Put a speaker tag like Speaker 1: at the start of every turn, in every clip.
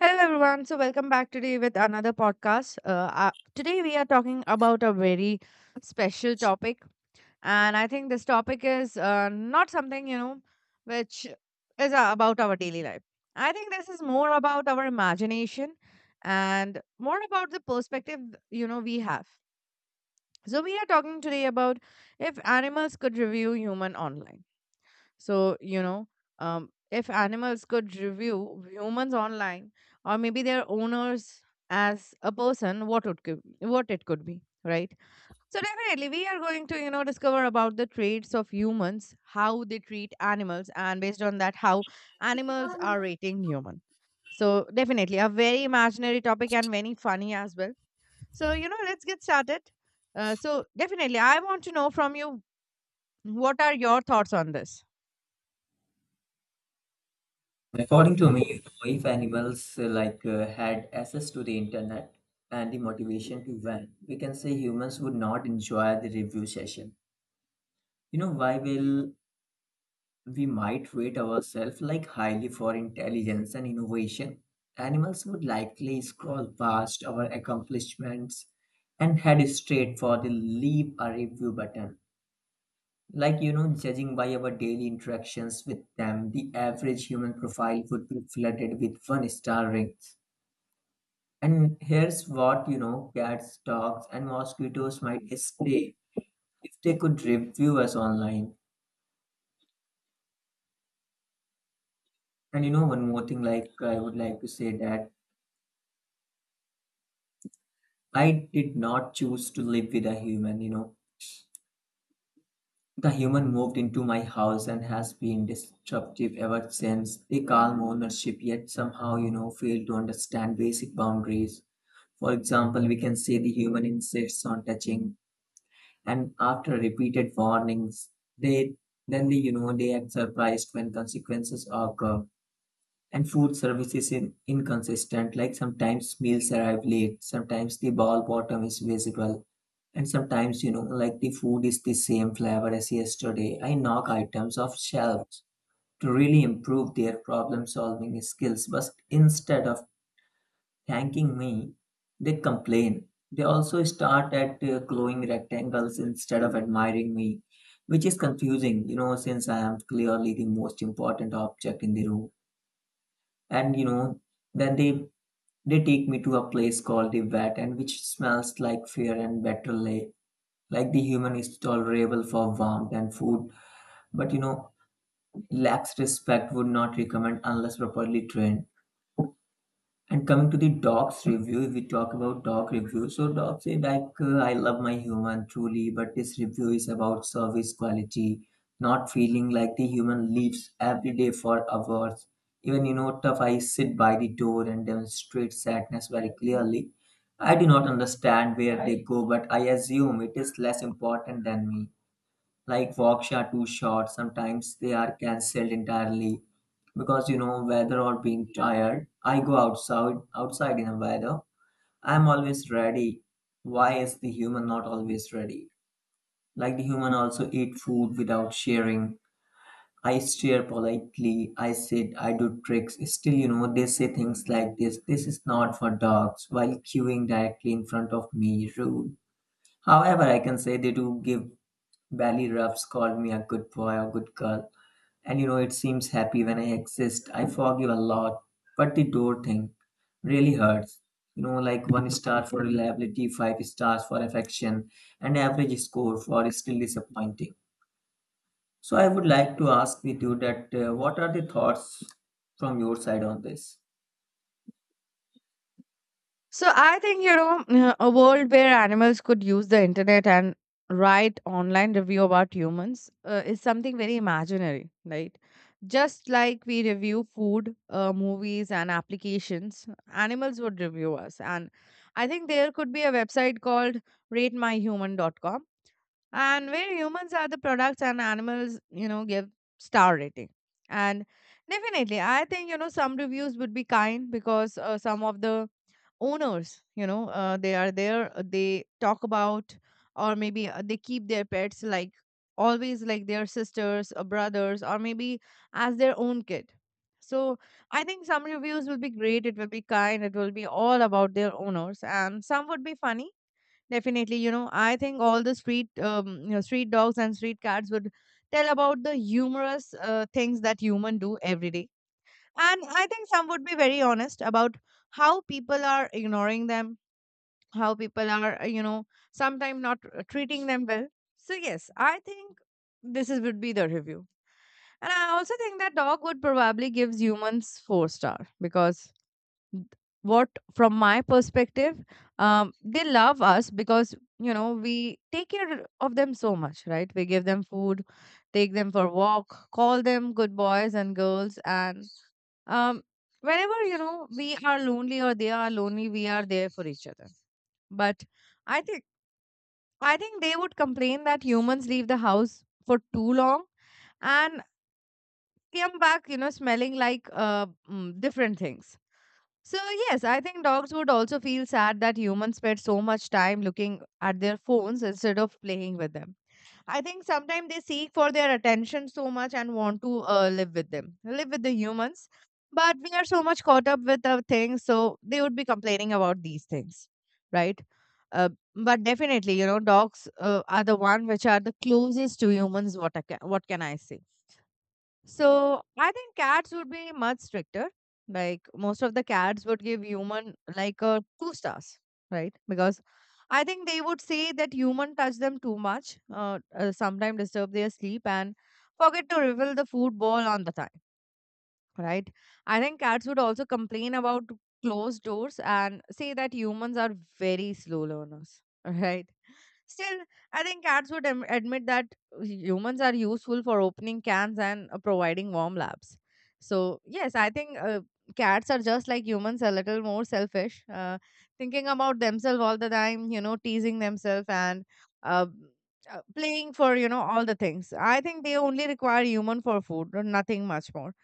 Speaker 1: Hello, everyone. So, welcome back today with another podcast. Today, we are talking about a very special topic. And I think this topic is not something, you know, which is about our daily life. I think this is more about our imagination and more about the perspective, you know, we have. So, we are talking today about if animals could review human online. So, you know, if animals could review humans online or maybe their owners as a person, what it could be, right? So definitely we are going to, you know, discover about the traits of humans, how they treat animals, and based on that, how animals are rating human. So definitely a very imaginary topic and very funny as well. So, you know, let's get started. So definitely I want to know from you, what are your thoughts on this?
Speaker 2: According to me, if animals had access to the internet and the motivation to learn, we can say humans would not enjoy the review session. You know, why will we might rate ourselves like highly for intelligence and innovation? Animals would likely scroll past our accomplishments and head straight for the leave a review button. Like, you know, judging by our daily interactions with them, the average human profile would be flooded with one star rings. And here's what, you know, cats, dogs, and mosquitoes might stay if they could review us online. And, you know, one more thing, like, I would like to say that I did not choose to live with a human, you know. The human moved into my house and has been disruptive ever since. They calm ownership, yet somehow, you know, fail to understand basic boundaries. For example, we can say the human insists on touching, and after repeated warnings, they then they you know they act surprised when consequences occur. And food service inconsistent. Like sometimes meals arrive late, sometimes the ball bottom is visible, and sometimes you know like the food is the same flavor as yesterday. I knock items off shelves to really improve their problem solving skills, but instead of thanking me, they complain. They also start at glowing rectangles instead of admiring me, which is confusing, you know, since I am clearly the most important object in the room. And you know, then they take me to a place called the vet, and which smells like fear and better lay. Like the human is tolerable for warmth and food, but you know, lacks respect would not recommend unless properly trained. And coming to the dogs review, if we talk about dog review. So dogs say like, I love my human truly, but this review is about service quality, not feeling like the human leaves every day for hours. Even you know, tough I sit by the door and demonstrate sadness very clearly. I do not understand where they go, but I assume it is less important than me. Like walks are too short, sometimes they are cancelled entirely because you know weather or being tired, I go outside in a weather. I'm always ready. Why is the human not always ready? Like the human also eat food without sharing. I stare politely, I sit, I do tricks. Still you know they say things like this is not for dogs while queuing directly in front of me, rude. However I can say they do give belly rubs, call me a good boy or good girl, and you know, it seems happy when I exist. I forgive a lot, but the door thing really hurts. You know, like one star for reliability, five stars for affection, and average score for still disappointing. So I would like to ask with you that what are the thoughts from your side on this?
Speaker 1: So I think, you know, a world where animals could use the internet and write online review about humans is something very imaginary, right? Just like we review food, movies, and applications, animals would review us. And I think there could be a website called rate my human.com, and where humans are the products and animals, you know, give star rating. And definitely, I think, you know, some reviews would be kind because some of the owners, you know, they are there, they talk about, or maybe they keep their pets like always like their sisters or brothers, or maybe as their own kid. So I think some reviews will be great, it will be kind, it will be all about their owners, and some would be funny. Definitely, you know, I think all the street you know, street dogs and street cats would tell about the humorous things that human do every day. And I think some would be very honest about how people are ignoring them, how people are, you know, sometimes not treating them well. So, yes, I think would be the review. And I also think that dog would probably gives humans four-star because th- what from my perspective, they love us because, you know, we take care of them so much, right? We give them food, take them for walk, call them good boys and girls, and um whenever, you know, we are lonely or they are lonely, we are there for each other. But i think I think they would complain that humans leave the house for too long and came back, you know, smelling like different things. So yes, I think dogs would also feel sad that humans spend so much time looking at their phones instead of playing with them. I think sometimes they seek for their attention so much and want to live with them, live with the humans. But we are so much caught up with our things, so they would be complaining about these things, right? Uh, but definitely, you know, dogs are the one which are the closest to humans. What can I say? So I think cats would be much stricter. Like most of the cats would give human like two stars, right? Because I think they would say that human touch them too much, sometimes disturb their sleep and forget to refill the food bowl on the time. Right? I think cats would also complain about closed doors and say that humans are very slow learners. Right? Still, I think cats would admit that humans are useful for opening cans and providing warm laps. So, yes, I think cats are just like humans, a little more selfish, thinking about themselves all the time, you know, teasing themselves and uh, playing for, you know, all the things. I think they only require human for food, nothing much more.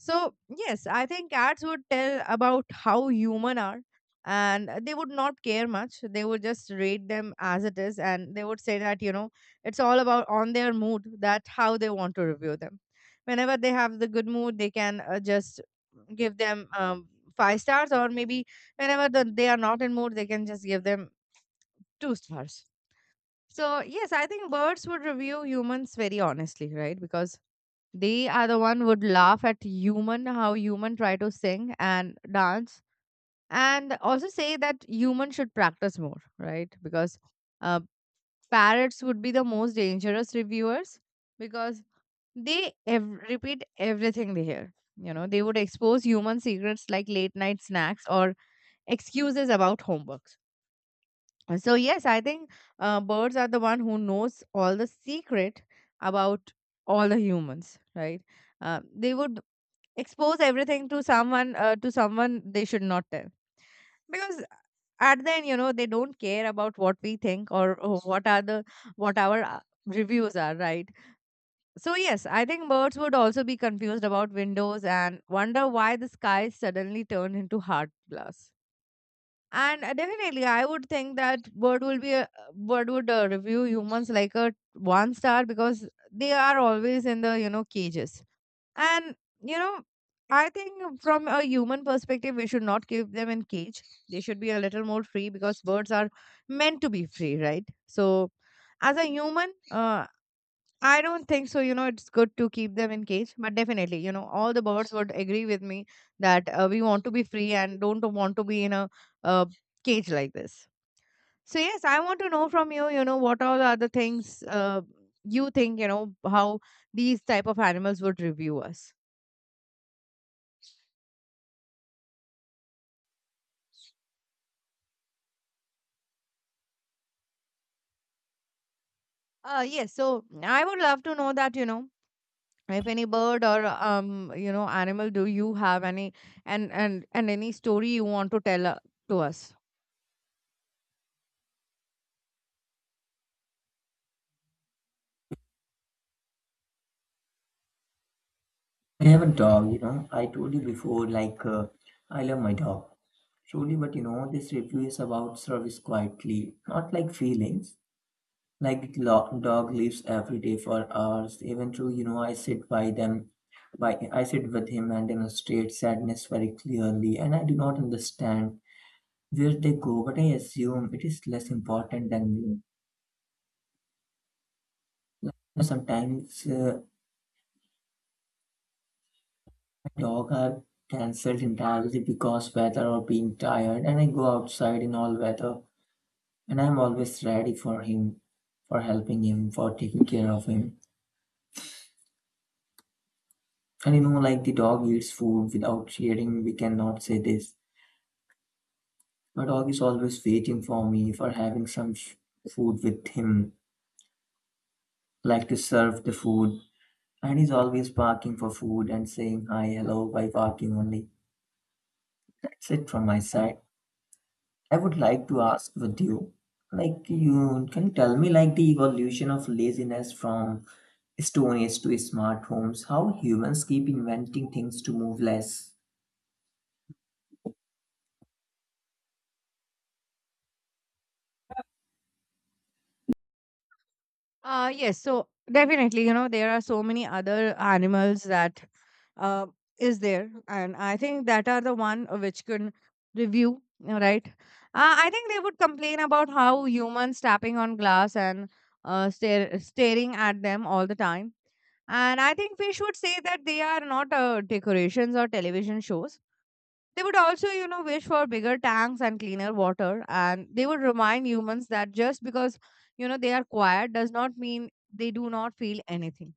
Speaker 1: So, yes, I think ads would tell about how human are, and they would not care much. They would just rate them as it is, and they would say that, you know, it's all about on their mood that how they want to review them. Whenever they have the good mood, they can just give them five stars, or maybe whenever they are not in mood, they can just give them two stars. So, yes, I think birds would review humans very honestly, right? Because they are the one would laugh at human how human try to sing and dance, and also say that human should practice more, right? Because uh, parrots would be the most dangerous reviewers because they repeat everything they hear. You know, they would expose human secrets like late night snacks or excuses about homeworks. And so yes, I think birds are the one who knows all the secret about all the humans, right? They would expose everything to someone, to someone they should not tell, because at the end, you know, they don't care about what we think, or what our reviews are, right? So yes, I think birds would also be confused about windows and wonder why the sky suddenly turned into hard glass. And definitely I would think that bird would review humans like a one star, because they are always in the, you know, cages. And, you know, I think from a human perspective, we should not keep them in cage. They should be a little more free because birds are meant to be free, right? So, as a human, I don't think so. You know, it's good to keep them in cage, but definitely, you know, all the birds would agree with me that we want to be free and don't want to be in a uh, cage like this. So, yes, I want to know from you. You know, what all are the things you think? You know, how these type of animals would review us. Yes. So I would love to know that, you know, if any bird or you know, animal, do you have any, and any story you want to tell to us?
Speaker 2: I have a dog, you know. I told you before, like, I love my dog. Truly, but you know, this review is about service quietly, not like feelings. Dog leaves every day for hours. Even though you know I sit by them, by I sit with him and demonstrate sadness very clearly, and I do not understand where they go. But I assume it is less important than me. Now, sometimes dogs are cancelled entirely because weather or being tired, and I go outside in all weather, and I'm always ready for him, for helping him, for taking care of him. And you know, like the dog eats food without sharing, we cannot say this. My dog is always waiting for me for having food with him, like to serve the food, and he's always barking for food and saying hi, hello by barking only. That's it from my side. I would like to ask with you, like you can you tell me like the evolution of laziness from Stone Age to smart homes, how humans keep inventing things to move less.
Speaker 1: Yes, so definitely, you know, there are so many other animals that uh, is there, and I think that are the one which can review, right? I think they would complain about how humans tapping on glass and staring at them all the time. And I think we should say that they are not decorations or television shows. They would also, you know, wish for bigger tanks and cleaner water, and they would remind humans that just because, you know, they are quiet does not mean they do not feel anything.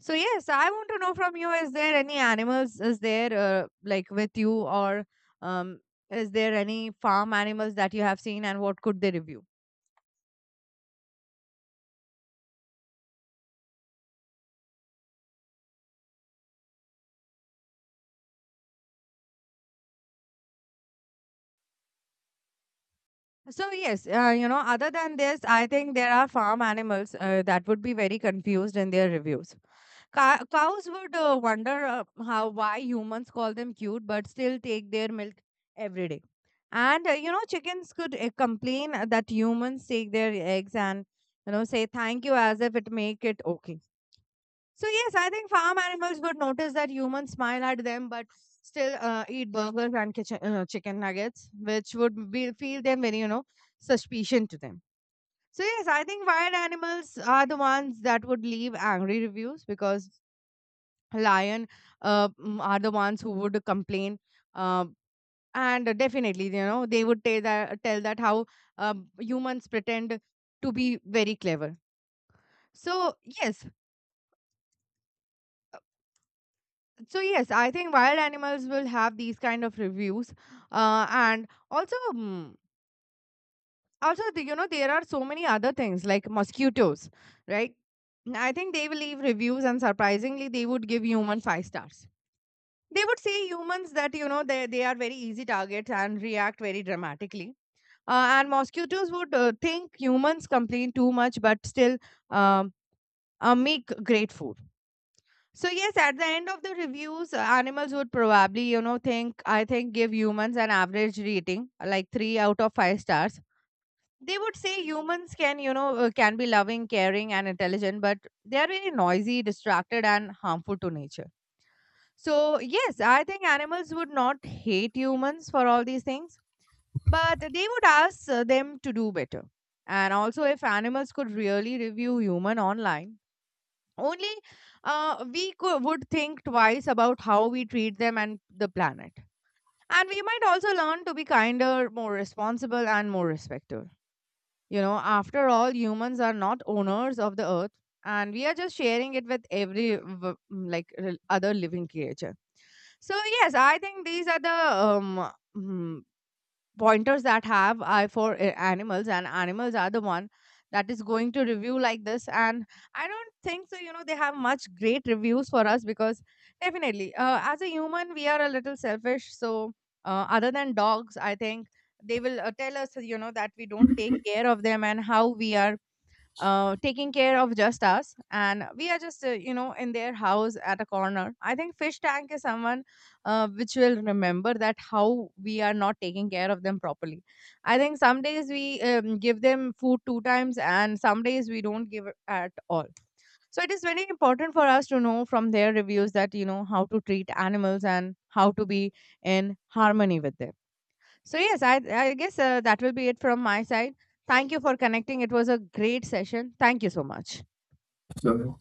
Speaker 1: So, yes, I want to know from you, is there any animals, is there like with you, or um, is there any farm animals that you have seen, and what could they review? So yes, you know, other than this, I think there are farm animals that would be very confused in their reviews. Cows would wonder how why humans call them cute but still take their milk every day. And you know, chickens could complain that humans take their eggs and, you know, say thank you as if it make it okay. So yes, I think farm animals would notice that humans smile at them but still eat burgers and chicken nuggets, which would be, feel them very, you know, suspicion to them. So yes, I think wild animals are the ones that would leave angry reviews because lion are the ones who would complain, uh, and definitely, you know, they would tell that how humans pretend to be very clever. so yes so yes, I think wild animals will have these kind of reviews. And also mm, also the- you know, there are so many other things like mosquitoes, right? I think they will leave reviews, and surprisingly they would give human five stars. They would say humans that, you know, they are very easy targets and react very dramatically. And mosquitoes would think humans complain too much, but still um, make great food. So, yes, at the end of the reviews, animals would probably, you know, I think, give humans an average rating, like three out of five stars. They would say humans can, you know, can be loving, caring, and intelligent, but they are very noisy, distracted, and harmful to nature. So, yes, I think animals would not hate humans for all these things, but they would ask them to do better. And also, if animals could really review human online, only would think twice about how we treat them and the planet. And we might also learn to be kinder, more responsible, and more respectful. You know, after all, humans are not owners of the earth, and we are just sharing it with every other living creature. So yes, I think these are the um, mm, pointers that have eye for animals, and animals are the one that is going to review like this. And I don't think so, you know, they have much great reviews for us, because definitely as a human we are a little selfish. So other than dogs, I think they will tell us, you know, that we don't take care of them, and how we are taking care of just us, and we are just you know, in their house at a corner. I think fish tank is someone which will remember that how we are not taking care of them properly. I think some days we give them food two times and some days we don't give it at all. So it is very important for us to know from their reviews that, you know, how to treat animals and how to be in harmony with them. So yes, I guess that will be it from my side. Thank you for connecting. It was a great session. Thank you so much.
Speaker 2: Sure.